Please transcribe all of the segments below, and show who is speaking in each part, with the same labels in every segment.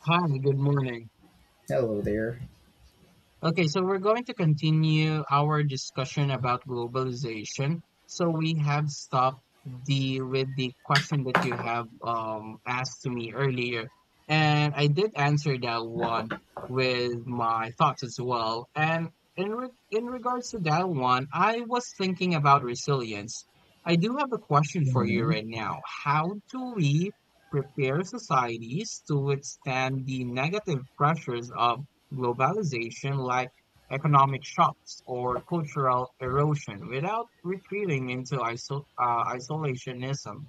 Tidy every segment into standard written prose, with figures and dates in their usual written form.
Speaker 1: Hi, good morning.
Speaker 2: Hello there.
Speaker 1: Okay, so we're going to continue our discussion about globalization. So we have stopped the with the question that you have asked to me earlier, and I did answer that one with my thoughts as well. And in regards to that one, I was thinking about resilience. I do have a question for you
Speaker 2: Mhm.
Speaker 1: right now. How do we prepare societies to withstand the negative pressures of Globalization, like economic shocks or cultural erosion, without retreating into isolationism.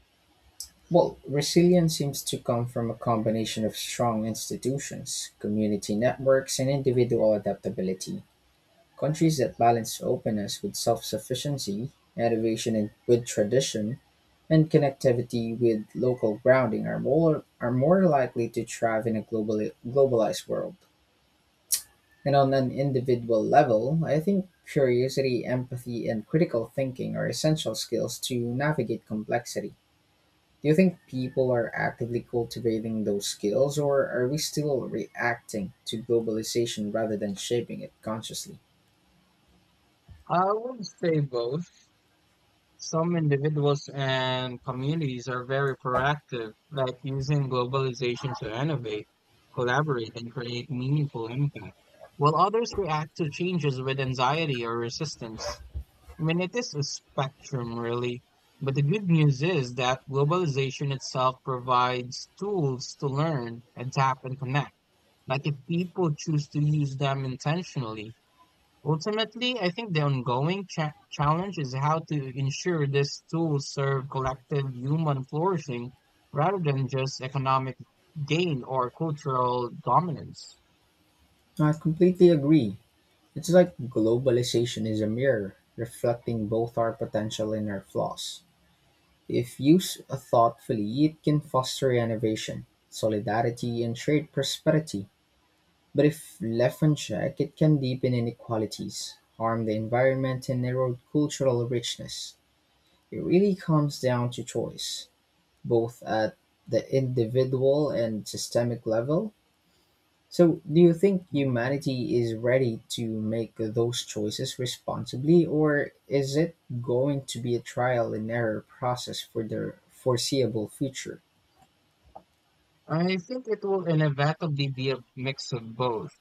Speaker 2: Well, resilience seems to come from a combination of strong institutions, community networks, and individual adaptability. Countries that balance openness with self sufficiency, innovation and good tradition, and connectivity with local grounding are more likely to thrive in a globalized world. And on an individual level, I think curiosity, empathy, and critical thinking are essential skills to navigate complexity. Do you think people are actively cultivating those skills, or are we still reacting to globalization rather than shaping it consciously?
Speaker 1: I would say both. Some individuals and communities are very proactive, like using globalization to innovate, collaborate, and create meaningful impact, while others react to changes with anxiety or resistance. I mean, it is a spectrum, really. But the good news is that globalization itself provides tools to learn, adapt, and connect. Like, if people choose to use them intentionally, ultimately, I think the ongoing challenge is how to ensure these tools serve collective human flourishing rather than just economic gain or cultural dominance.
Speaker 2: I completely agree. It's like globalization is a mirror reflecting both our potential and our flaws. If used thoughtfully, it can foster innovation, solidarity, and shared prosperity. But if left unchecked, it can deepen inequalities, harm the environment, and erode cultural richness. It really comes down to choice, both at the individual and systemic level. So, do you think
Speaker 1: Mm-hmm.
Speaker 2: humanity is ready to make those choices responsibly, or is it going to be a trial and error process for the foreseeable future?
Speaker 1: I think it will inevitably be a mix of both.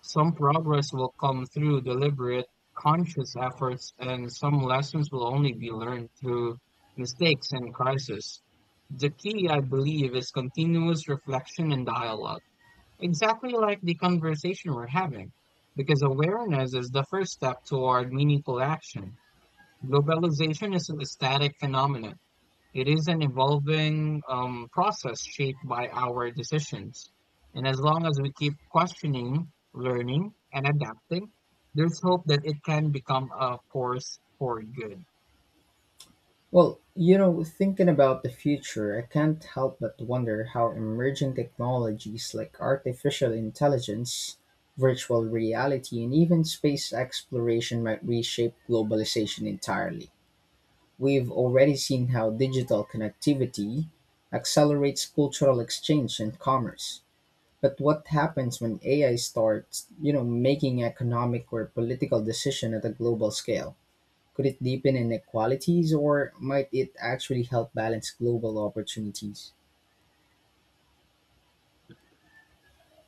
Speaker 1: Some progress will come through deliberate, conscious efforts, and some lessons will only be learned through mistakes and crisis. The key, I believe, is continuous reflection and dialogue, exactly like the conversation we're having, because awareness is the first step toward meaningful action. Globalization is a static phenomenon, it is an evolving process shaped by our decisions. And as long as we keep questioning, learning, and adapting, there's hope that it can become a force for good.
Speaker 2: Well, thinking about the future, I can't help but wonder how emerging technologies like artificial intelligence, virtual reality, and even space exploration might reshape globalization entirely. We've already seen how digital connectivity accelerates cultural exchange and commerce. But what happens when AI starts, making economic or political decision at a global scale? Could it deepen inequalities or might it actually help balance global opportunities?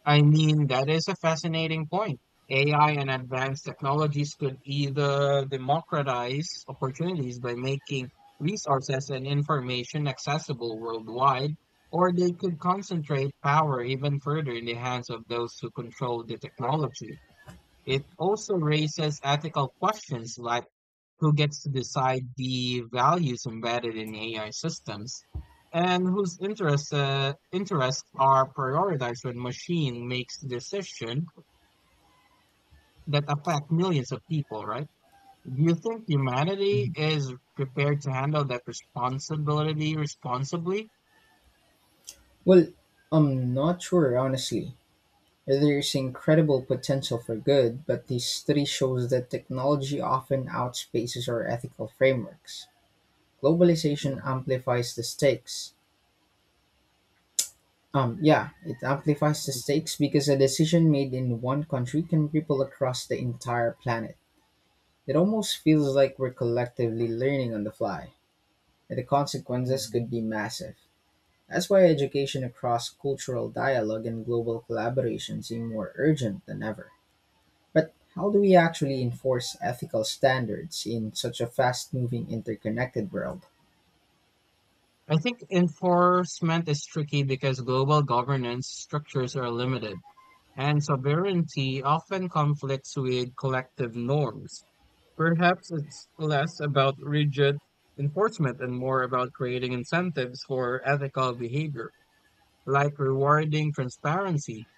Speaker 1: I mean, that is a fascinating point. AI and advanced technologies could either democratize opportunities by making resources and information accessible worldwide, or they could concentrate power even further in the hands of those who control the technology. It also raises ethical questions, like who gets to decide the values embedded in AI systems and whose interests are prioritized when machine makes decisions that affect millions of people, right? Do you think humanity
Speaker 2: Mhm.
Speaker 1: is prepared to handle that responsibility responsibly?
Speaker 2: Well, I'm not sure, honestly. There's incredible potential for good, but the study shows that technology often outspaces our ethical frameworks. Globalization
Speaker 1: Mhm.
Speaker 2: amplifies the stakes. Yeah, it amplifies the
Speaker 1: Mhm.
Speaker 2: stakes because a decision made in one country can ripple across the entire planet. It almost feels like we're collectively learning on the fly, and the consequences
Speaker 1: Mhm.
Speaker 2: could be massive. That's why education across cultural dialogue and global collaboration seem more urgent than ever. But how do we actually enforce ethical standards in such a fast moving, interconnected world?
Speaker 1: I think enforcement is tricky because global governance structures are limited, and sovereignty often conflicts with collective norms. Perhaps it's less about rigid enforcement and more about creating incentives for ethical behavior, like rewarding transparency,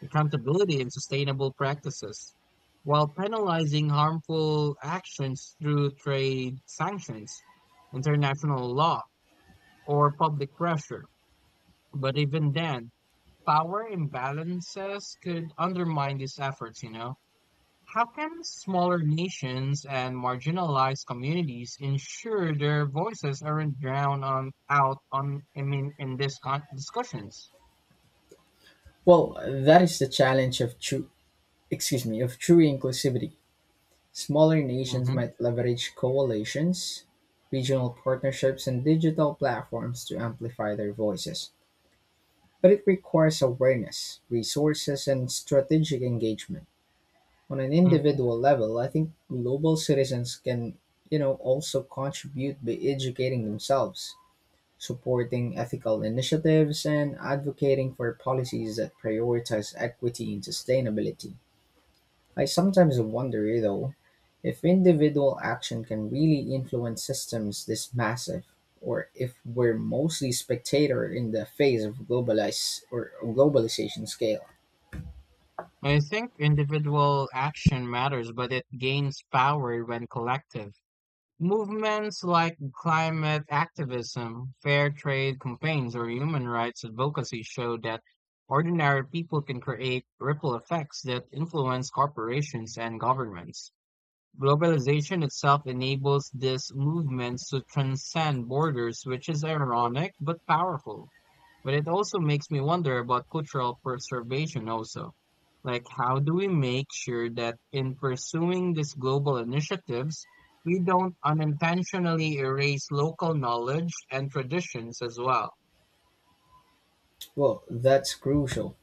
Speaker 1: accountability, and sustainable practices, while penalizing harmful actions through trade sanctions, international law, or public pressure. But even then, power imbalances could undermine these efforts, you know. How can smaller nations and marginalized communities ensure their voices aren't drowned on out on I mean in these discussions?
Speaker 2: Well, that is the challenge of excuse me, of true inclusivity. Smaller nations
Speaker 1: Hmm.
Speaker 2: might leverage coalitions, regional partnerships, and digital platforms to amplify their voices. But it requires awareness, resources, and strategic engagement. On an
Speaker 1: Hmm.
Speaker 2: individual level, I think global citizens can, also contribute by educating themselves, supporting ethical initiatives, and advocating for policies that prioritize equity and sustainability. I sometimes wonder, though, if individual action can really influence systems this massive, or if we're mostly spectator in the face of globalize or globalization scale.
Speaker 1: I think individual action matters, but it gains power when collective. Movements like climate activism, fair trade campaigns, or human rights advocacy show that ordinary people can create ripple effects that influence corporations and governments. Globalization itself enables these movements to transcend borders, which is ironic but powerful. But it also makes me wonder about cultural preservation also. Like, how do we make sure that in pursuing these global initiatives, we don't unintentionally erase local knowledge and traditions as well?
Speaker 2: Well, that's crucial.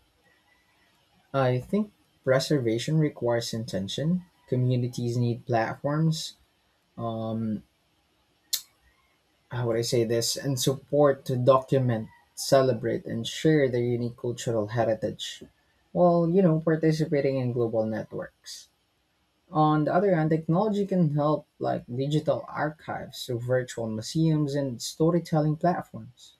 Speaker 2: I think preservation requires intention. Communities need platforms. Um, how would I say this? And support to document, celebrate, and share their unique cultural heritage. While participating in global networks. On the other hand, technology can help, like digital archives, so virtual museums, and storytelling platforms.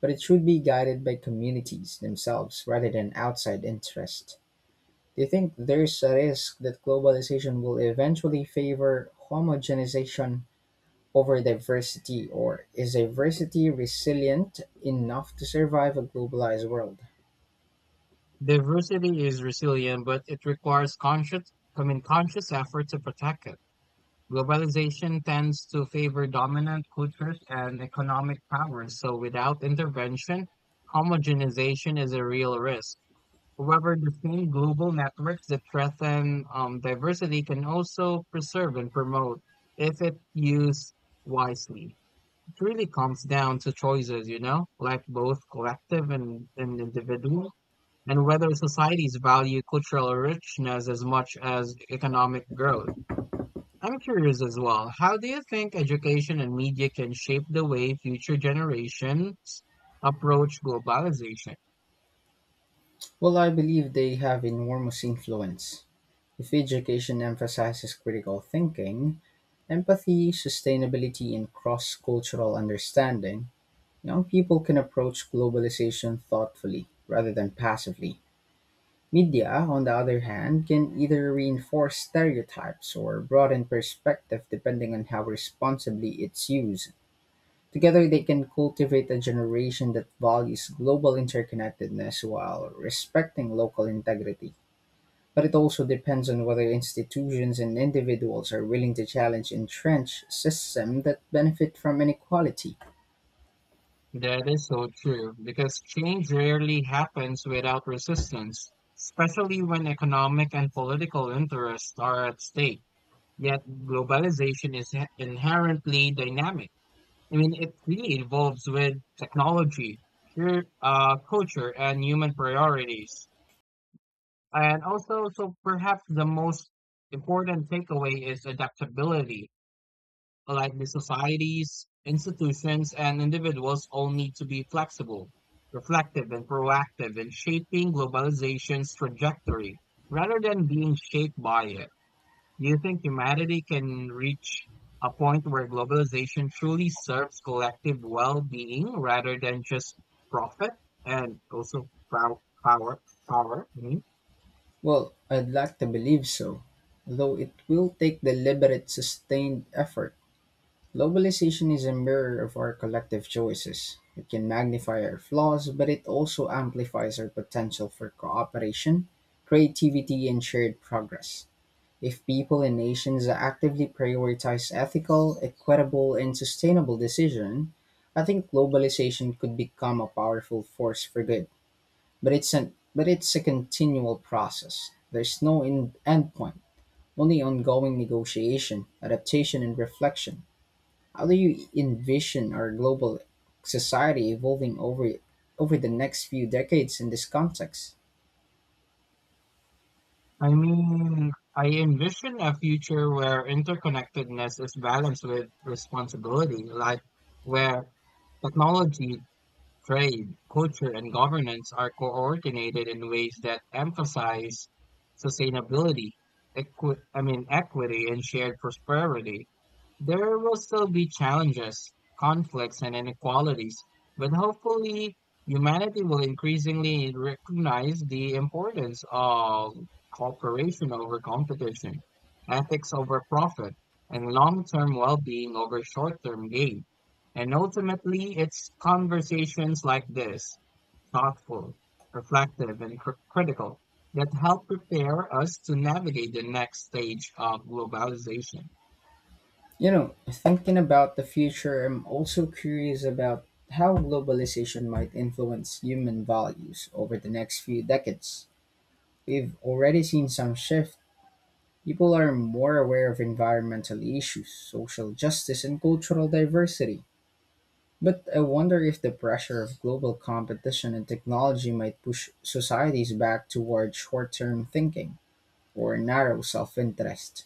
Speaker 2: But it should be guided by communities themselves rather than outside interest. Do you think there's a risk that globalization will eventually favor homogenization over diversity, or is diversity resilient enough to survive a globalized world?
Speaker 1: Diversity is resilient, but it requires conscious, I mean, conscious effort to protect it. Globalization tends to favor dominant cultures and economic powers, so without intervention, homogenization is a real risk. However, the same global networks that threaten diversity can also preserve and promote if it used wisely. It really comes down to choices, you know, like both collective and individual, and whether societies value cultural richness as much as economic growth. I'm curious as well, how do you think education and media can shape the way future generations approach globalization?
Speaker 2: Well, I believe they have enormous influence. If education emphasizes critical thinking, empathy, sustainability, and cross cultural understanding, young people can approach globalization thoughtfully rather than passively. Media, on the other hand, can either reinforce stereotypes or broaden perspective depending on how responsibly it's used. Together, they can cultivate a generation that values global interconnectedness while respecting local integrity. But it also depends on whether institutions and individuals are willing to challenge entrenched systems that benefit from inequality.
Speaker 1: That is so true, because change rarely happens without resistance, especially when economic and political interests are at stake. Yet globalization is inherently dynamic. I mean, it really evolves with technology, culture, and human priorities. And also, so perhaps the most important takeaway is adaptability. Likely societies, institutions, and individuals all need to be flexible, reflective, and proactive in shaping globalization's trajectory rather than being shaped by it. Do you think humanity can reach a point where globalization truly serves collective well being rather than just profit and also power? Power. Mhm?
Speaker 2: Well, I'd like to believe so, though it will take deliberate, sustained effort. Globalization is a mirror of our collective choices. It can magnify our flaws, but it also amplifies our potential for cooperation, creativity, and shared progress. If people and nations actively prioritize ethical, equitable, and sustainable decision, I think globalization could become a powerful force for good. But it's a continual process. There's no end point, only ongoing negotiation, adaptation, and reflection. How do you envision our global society evolving over the next few decades in this context?
Speaker 1: I mean, I envision a future where interconnectedness is balanced with responsibility, like where technology, trade, culture, and governance are coordinated in ways that emphasize sustainability, I mean, equity and shared prosperity. There will still be challenges, conflicts, and inequalities, but hopefully, humanity will increasingly recognize the importance of cooperation over competition, ethics over profit, and long term well being over short term gain. And ultimately, it's conversations like this, thoughtful, reflective, and critical, that help prepare us to navigate the next stage of globalization.
Speaker 2: You know, thinking about the future, I'm also curious about how globalization might influence human values over the next few decades. We've already seen some shift. People are more aware of environmental issues, social justice, and cultural diversity. But I wonder if the pressure of global competition and technology might push societies back toward short term thinking or narrow self interest.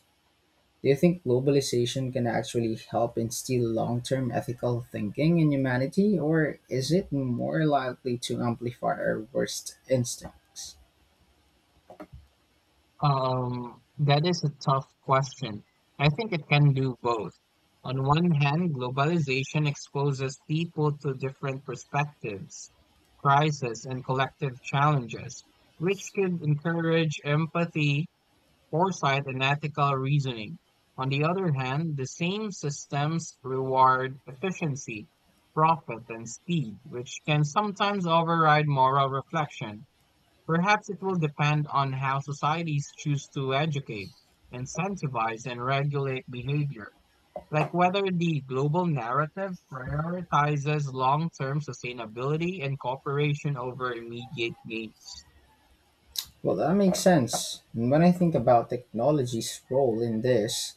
Speaker 2: Do you think globalization can actually help instill long term ethical thinking in humanity, or is it more likely to amplify our worst instincts?
Speaker 1: That is a tough question. I think it can do both. On one hand, globalization exposes people to different perspectives, crises, and collective challenges, which could encourage empathy, foresight, and ethical reasoning. On the other hand, the same systems reward efficiency, profit, and speed, which can sometimes override moral reflection. Perhaps it will depend on how societies choose to educate, incentivize, and regulate behavior, like whether the global narrative prioritizes long-term sustainability and cooperation over immediate gains.
Speaker 2: Well, that makes sense. And when I think about technology's role in this,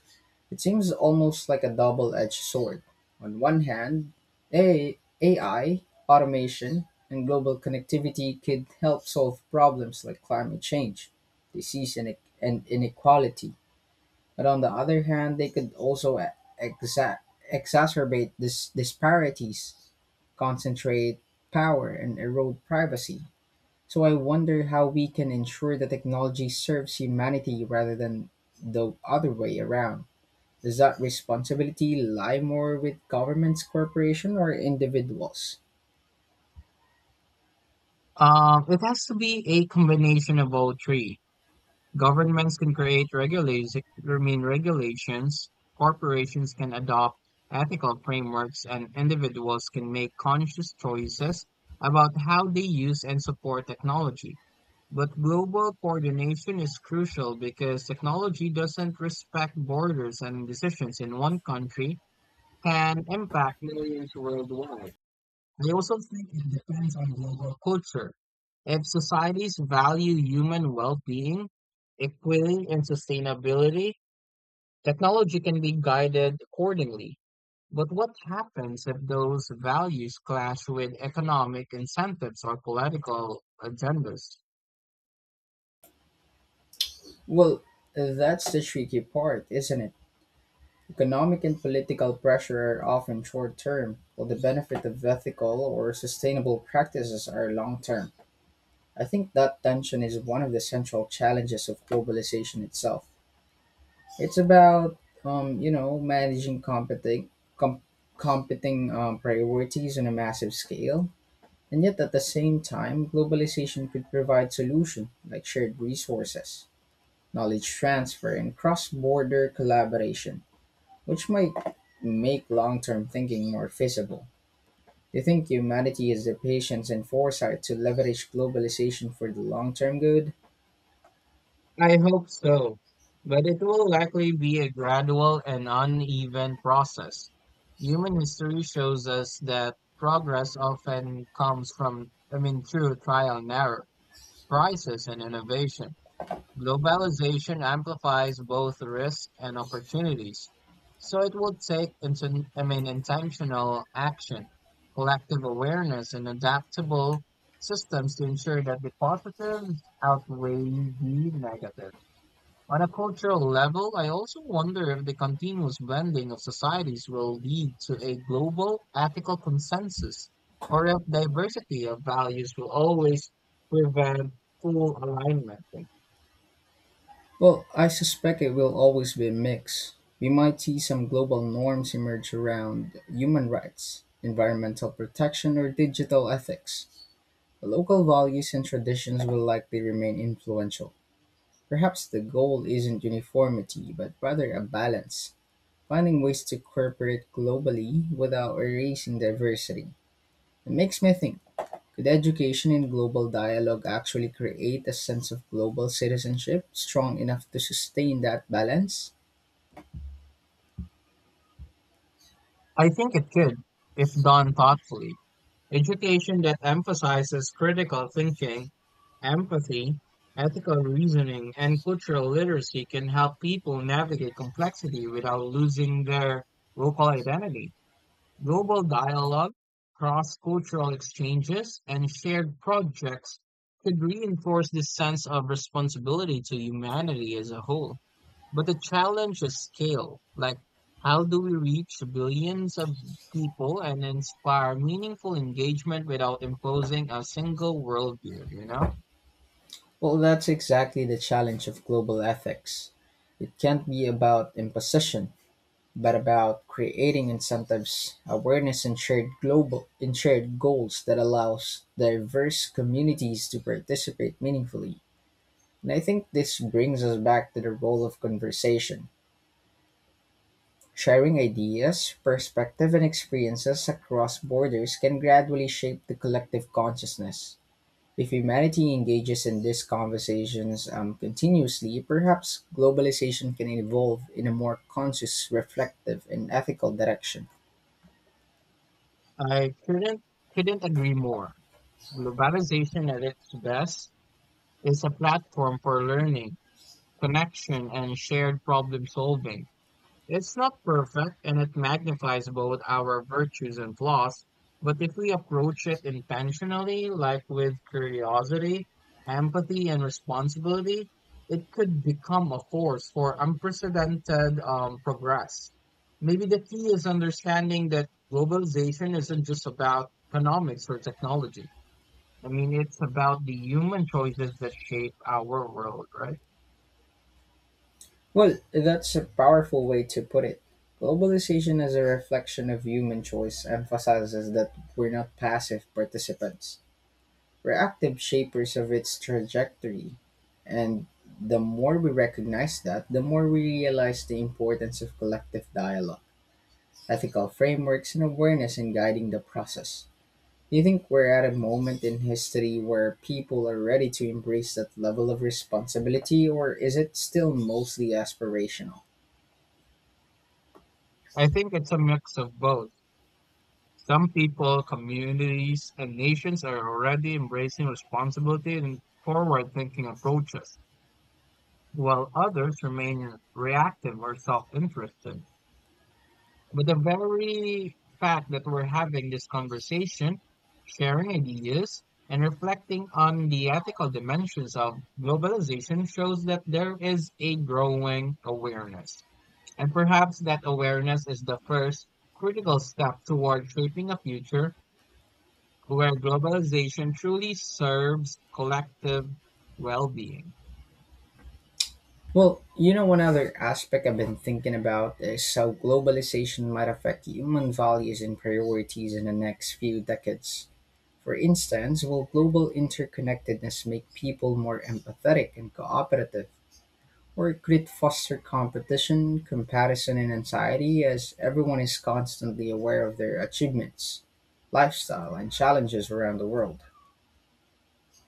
Speaker 2: it seems almost like a double edged sword. On one hand, AI, automation, and global connectivity could help solve problems like climate change, disease, and inequality. But on the other hand, they could also exa- exacerbate this disparities, concentrate power, and erode privacy. So I wonder how we can ensure that technology serves humanity rather than the other way around. Does that responsibility lie more with governments, corporations, or individuals?
Speaker 1: It has to be a combination of all three. Governments can create regulations, I mean regulations, corporations can adopt ethical frameworks, and individuals can make conscious choices about how they use and support technology. But global coordination is crucial because technology doesn't respect borders and decisions in one country can impact millions worldwide. I also think it depends on global culture. If societies value human well being, equity, and sustainability, technology can be guided accordingly. But what happens if those values clash with economic incentives or political agendas?
Speaker 2: Well, that's the tricky part, isn't it? Economic and political pressure are often short term, while the benefit of ethical or sustainable practices are long term. I think that tension is one of the central challenges of globalization itself. It's about, managing com- competing priorities on a massive scale. And yet, at the same time, globalization could provide solutions like shared resources, knowledge transfer, and cross border collaboration which might make long term thinking more feasible. Do you think humanity has the patience and foresight to leverage globalization for the long term good?
Speaker 1: I hope so, but it will likely be a gradual and uneven process. Human history shows us that progress often comes from, I mean, through trial and error, crisis and innovation. Globalization amplifies both risks and opportunities. So it will take, I mean, intentional action, collective awareness, and adaptable systems to ensure that the positives outweigh the negatives. On a cultural level, I also wonder if the continuous bending of societies will lead to a global ethical consensus, or if diversity of values will always prevent full alignment.
Speaker 2: Well, I suspect it will always be a mix. We might see some global norms emerge around human rights, environmental protection, or digital ethics. Local values and traditions will likely remain influential. Perhaps the goal isn't uniformity, but rather a balance. Finding ways to cooperate globally without erasing diversity. It makes me think, could education and global dialogue actually create a sense of global citizenship strong enough to sustain that balance?
Speaker 1: I think it could, if done thoughtfully. Education that emphasizes critical thinking, empathy, ethical reasoning, and cultural literacy can help people navigate complexity without losing their local identity. Global dialogue, cross-cultural exchanges, and shared projects could reinforce this sense of responsibility to humanity as a whole. But the challenge is scale. Like, how do we reach billions of people and inspire meaningful engagement without imposing a single worldview, you know?
Speaker 2: Well, that's exactly the challenge of global ethics. It can't be about imposition, but about creating incentives, awareness, and shared global and shared goals that allows diverse communities to participate meaningfully. And I think this brings us back to the role of conversation. Sharing ideas, perspective, and experiences across borders can gradually shape the collective consciousness. If humanity engages in these conversations continuously, perhaps globalization can evolve in a more conscious, reflective, and ethical direction.
Speaker 1: I couldn't agree more. Globalization at its best is a platform for learning, connection, and shared problem solving. It's not perfect and it magnifies both our virtues and flaws, but if we approach it intentionally, like with curiosity, empathy, and responsibility, it could become a force for unprecedented progress. Maybe the key is understanding that globalization isn't just about economics or technology. I mean, it's about the human choices that shape our world, right?
Speaker 2: Well, that's a powerful way to put it. Globalization as a reflection of human choice emphasizes that we're not passive participants. We're active shapers of its trajectory, and the more we recognize that, the more we realize the importance of collective dialogue, ethical frameworks, and awareness in guiding the process. Do you think we're at a moment in history where people are ready to embrace that level of responsibility, or is it still mostly aspirational?
Speaker 1: I think it's a mix of both. Some people, communities, and nations are already embracing responsibility and forward thinking approaches, while others remain reactive or self interested. But the very fact that we're having this conversation, sharing ideas, and reflecting on the ethical dimensions of globalization shows that there is a growing awareness. And perhaps that awareness is the first critical step toward shaping a future where globalization truly serves collective well-being.
Speaker 2: Well, one other aspect I've been thinking about is how globalization might affect human values and priorities in the next few decades. For instance, will global interconnectedness make people more empathetic and cooperative, or could it foster competition, comparison, and anxiety as everyone is constantly aware of their achievements, lifestyle, and challenges around the world?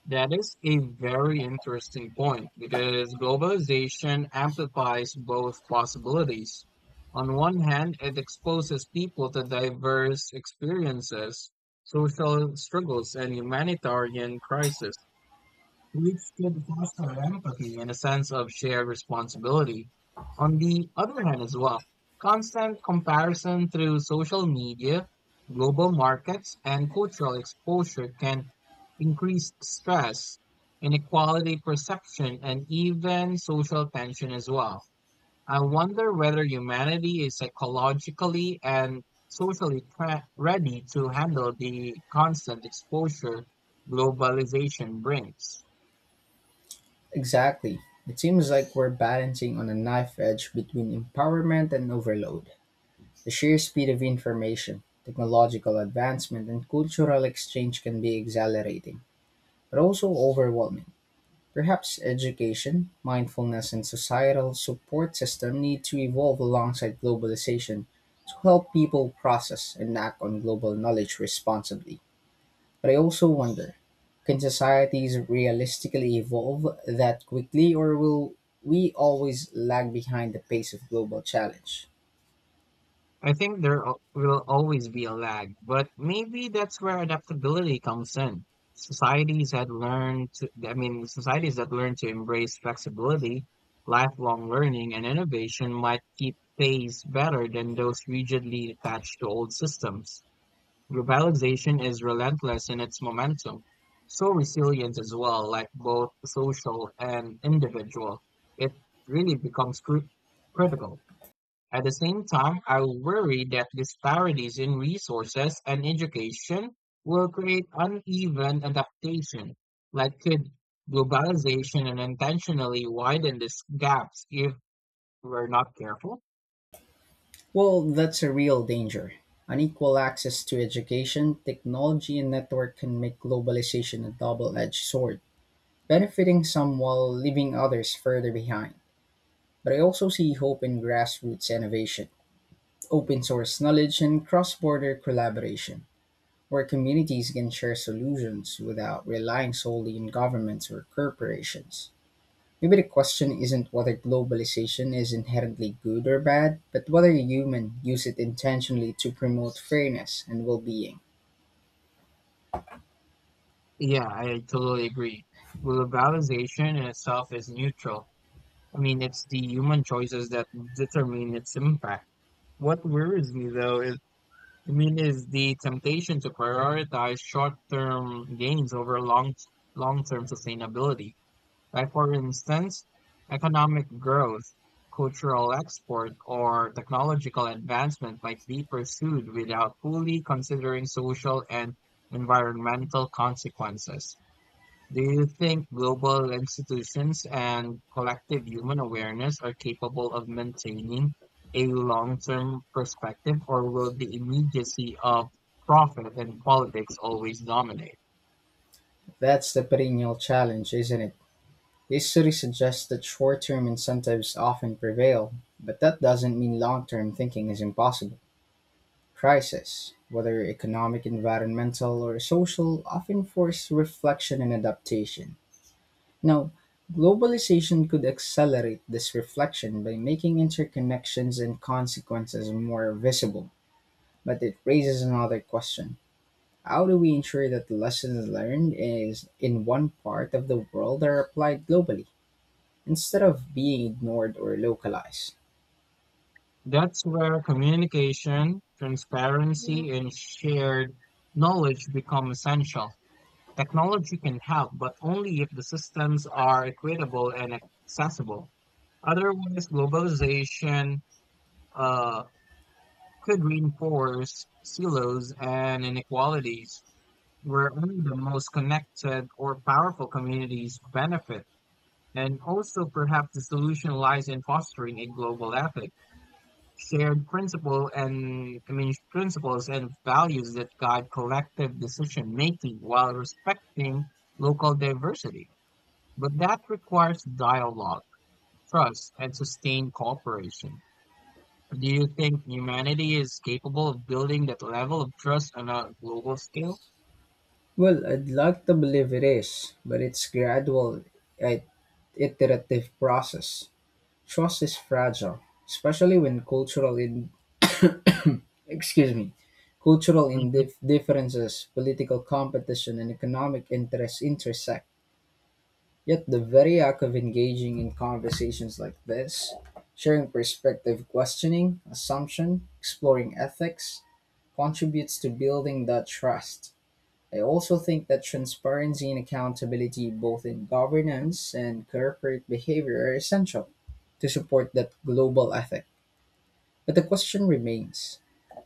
Speaker 1: That is a very interesting point because globalization amplifies both possibilities. On one hand, it exposes people to diverse experiences, social struggles, and humanitarian crises, which could foster empathy and a sense of shared responsibility. On the other hand, as well, constant comparison through social media, global markets, and cultural exposure can increase stress, inequality perception, and even social tension as well. I wonder whether humanity is psychologically and socially ready to handle the constant exposure globalization brings.
Speaker 2: Exactly. It seems like we're balancing on a knife edge between empowerment and overload. The sheer speed of information, technological advancement, and cultural exchange can be exhilarating, but also overwhelming. Perhaps education, mindfulness and societal support system need to evolve alongside globalization to help people process and act on global knowledge responsibly. But I also wonder, can societies realistically evolve that quickly, or will we always lag behind the pace of global challenge?
Speaker 1: I think there will always be a lag, but maybe that's where adaptability comes in. Societies had learned to, I mean, societies that learn to embrace flexibility, lifelong learning, and innovation might keep pace better than those rigidly attached to old systems. Globalization is relentless in its momentum, so resilient as well, like both social and individual. It really becomes critical. At the same time, I worry that disparities in resources and education will create uneven adaptation that could globalization and intentionally widen these gaps if we're not careful.
Speaker 2: Well, that's a real danger. Unequal access to education, technology, and network can make globalization a double edged sword, benefiting some while leaving others further behind. But I also see hope in grassroots innovation, open source knowledge, and cross border collaboration, where communities can share solutions without relying solely on governments or corporations. Maybe the question isn't whether globalization is inherently good or bad, but whether humans use it intentionally to promote fairness and well being.
Speaker 1: Yeah, I totally agree. Globalization in itself is neutral. I mean, it's the human choices that determine its impact. What worries me though is, I mean, is the temptation to prioritize short-term gains over long-term sustainability. Like, for instance, economic growth, cultural export, or technological advancement might be pursued without fully considering social and environmental consequences. Do you think global institutions and collective human awareness are capable of maintaining a long-term perspective, or will the immediacy of profit and politics always dominate?
Speaker 2: That's the perennial challenge, isn't it? This study suggests that short-term incentives often prevail, but that doesn't mean long-term thinking is impossible. Crises, whether economic, environmental, or social, often force reflection and adaptation. Now, globalization could accelerate this reflection by making interconnections and consequences more visible, but it raises another question. How do we ensure that the lessons learned is in one part of the world are applied globally, instead of being ignored or localized?
Speaker 1: That's where communication, transparency, and shared knowledge become essential. Technology can help, but only if the systems are equitable and accessible. Otherwise, globalization uh, could reinforce silos and inequalities where only the most connected or powerful communities benefit. And also, perhaps the solution lies in fostering a global ethic, shared principle and I mean, principles and values that guide collective decision making while respecting local diversity. But that requires dialogue, trust, and sustained cooperation. Do you think humanity is capable of building that level of trust on a global scale?
Speaker 2: Well, I'd like to believe it is, but it's gradual, i- iterative process. Trust is fragile, especially when cultural in excuse me, cultural
Speaker 1: Hmm.
Speaker 2: differences, political competition, and economic interests intersect. Yet the very act of engaging in conversations like this, sharing perspective, questioning, assumption, exploring ethics, contributes to building that trust. I also think that transparency and accountability, both in governance and corporate behavior, are essential to support that global ethic. But the question remains,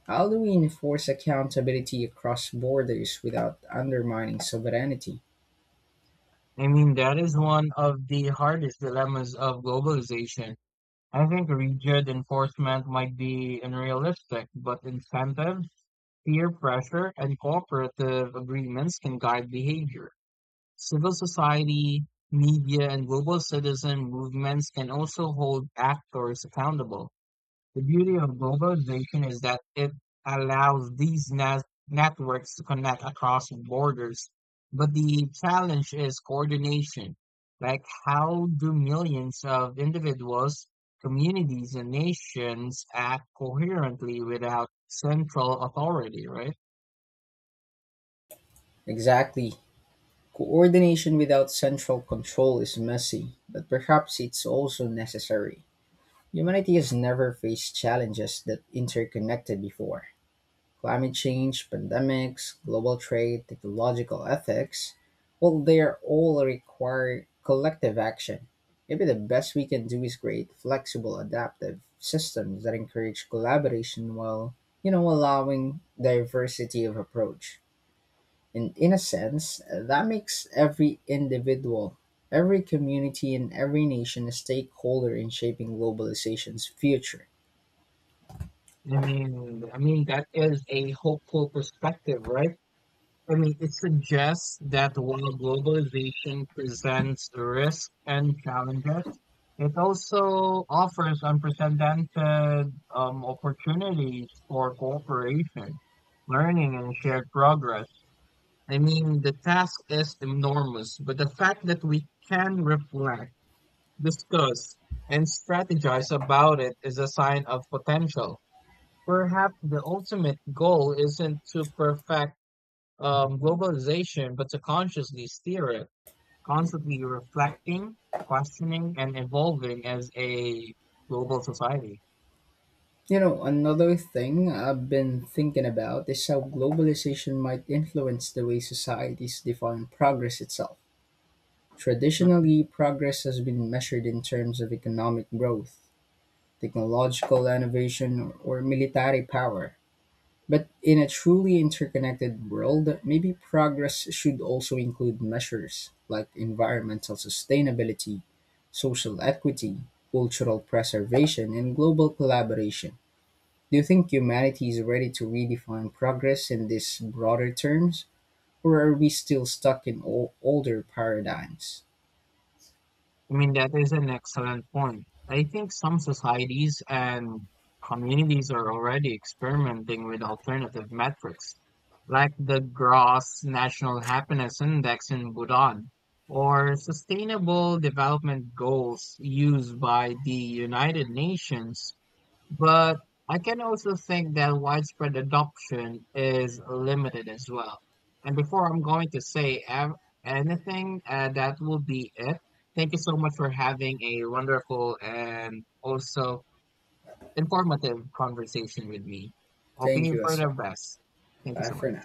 Speaker 2: how do we enforce accountability across borders without undermining sovereignty?
Speaker 1: I mean, that is one of the hardest dilemmas of globalization. I think rigid enforcement might be unrealistic, but incentives, peer pressure, and cooperative agreements can guide behavior. Civil society, media, and global citizen movements can also hold actors accountable. The beauty of globalization is that it allows these networks to connect across borders. But the challenge is coordination. Like, how do millions of individuals, communities, and nations act coherently without central authority, right?
Speaker 2: Exactly. Coordination without central control is messy, but perhaps it's also necessary. Humanity has never faced challenges that interconnected before. Climate change, pandemics, global trade, technological ethics, well, they are all require collective action. Maybe the best we can do is create flexible, adaptive systems that encourage collaboration while, allowing diversity of approach. And in a sense, that makes every individual, every community, and every nation a stakeholder in shaping globalization's future.
Speaker 1: I mean that is a hopeful perspective, right? I mean, it suggests that while globalization presents risks and challenges, it also offers unprecedented opportunities for cooperation, learning, and shared progress. I mean, the task is enormous, but the fact that we can reflect, discuss, and strategize about it is a sign of potential. Perhaps the ultimate goal isn't to perfect globalization, but to consciously steer it, constantly reflecting, questioning, and evolving as a global society.
Speaker 2: You know, another thing I've been thinking about is how globalization might influence the way societies define progress itself.
Speaker 1: Mm-hmm.
Speaker 2: Traditionally, progress has been measured in terms of economic growth, technological innovation, or military power. But in a truly interconnected world, maybe progress should also include measures like environmental sustainability, social equity, cultural preservation, and global collaboration. Do you think humanity is ready to redefine progress in these broader terms, or are we still stuck in older paradigms?
Speaker 1: I mean, that is an excellent point. I think some societies and communities are already experimenting with alternative metrics, like the Gross National Happiness Index in Bhutan, or sustainable development goals used by the United Nations. But I can also think that widespread adoption is limited as well. And before I'm going to say anything, that will be it. Thank you so much for having a wonderful and also informative conversation with me. Hoping
Speaker 2: Thank
Speaker 1: you
Speaker 2: you
Speaker 1: for
Speaker 2: as
Speaker 1: the
Speaker 2: well.
Speaker 1: best. Thank you
Speaker 2: Bye
Speaker 1: so
Speaker 2: for
Speaker 1: much.
Speaker 2: now.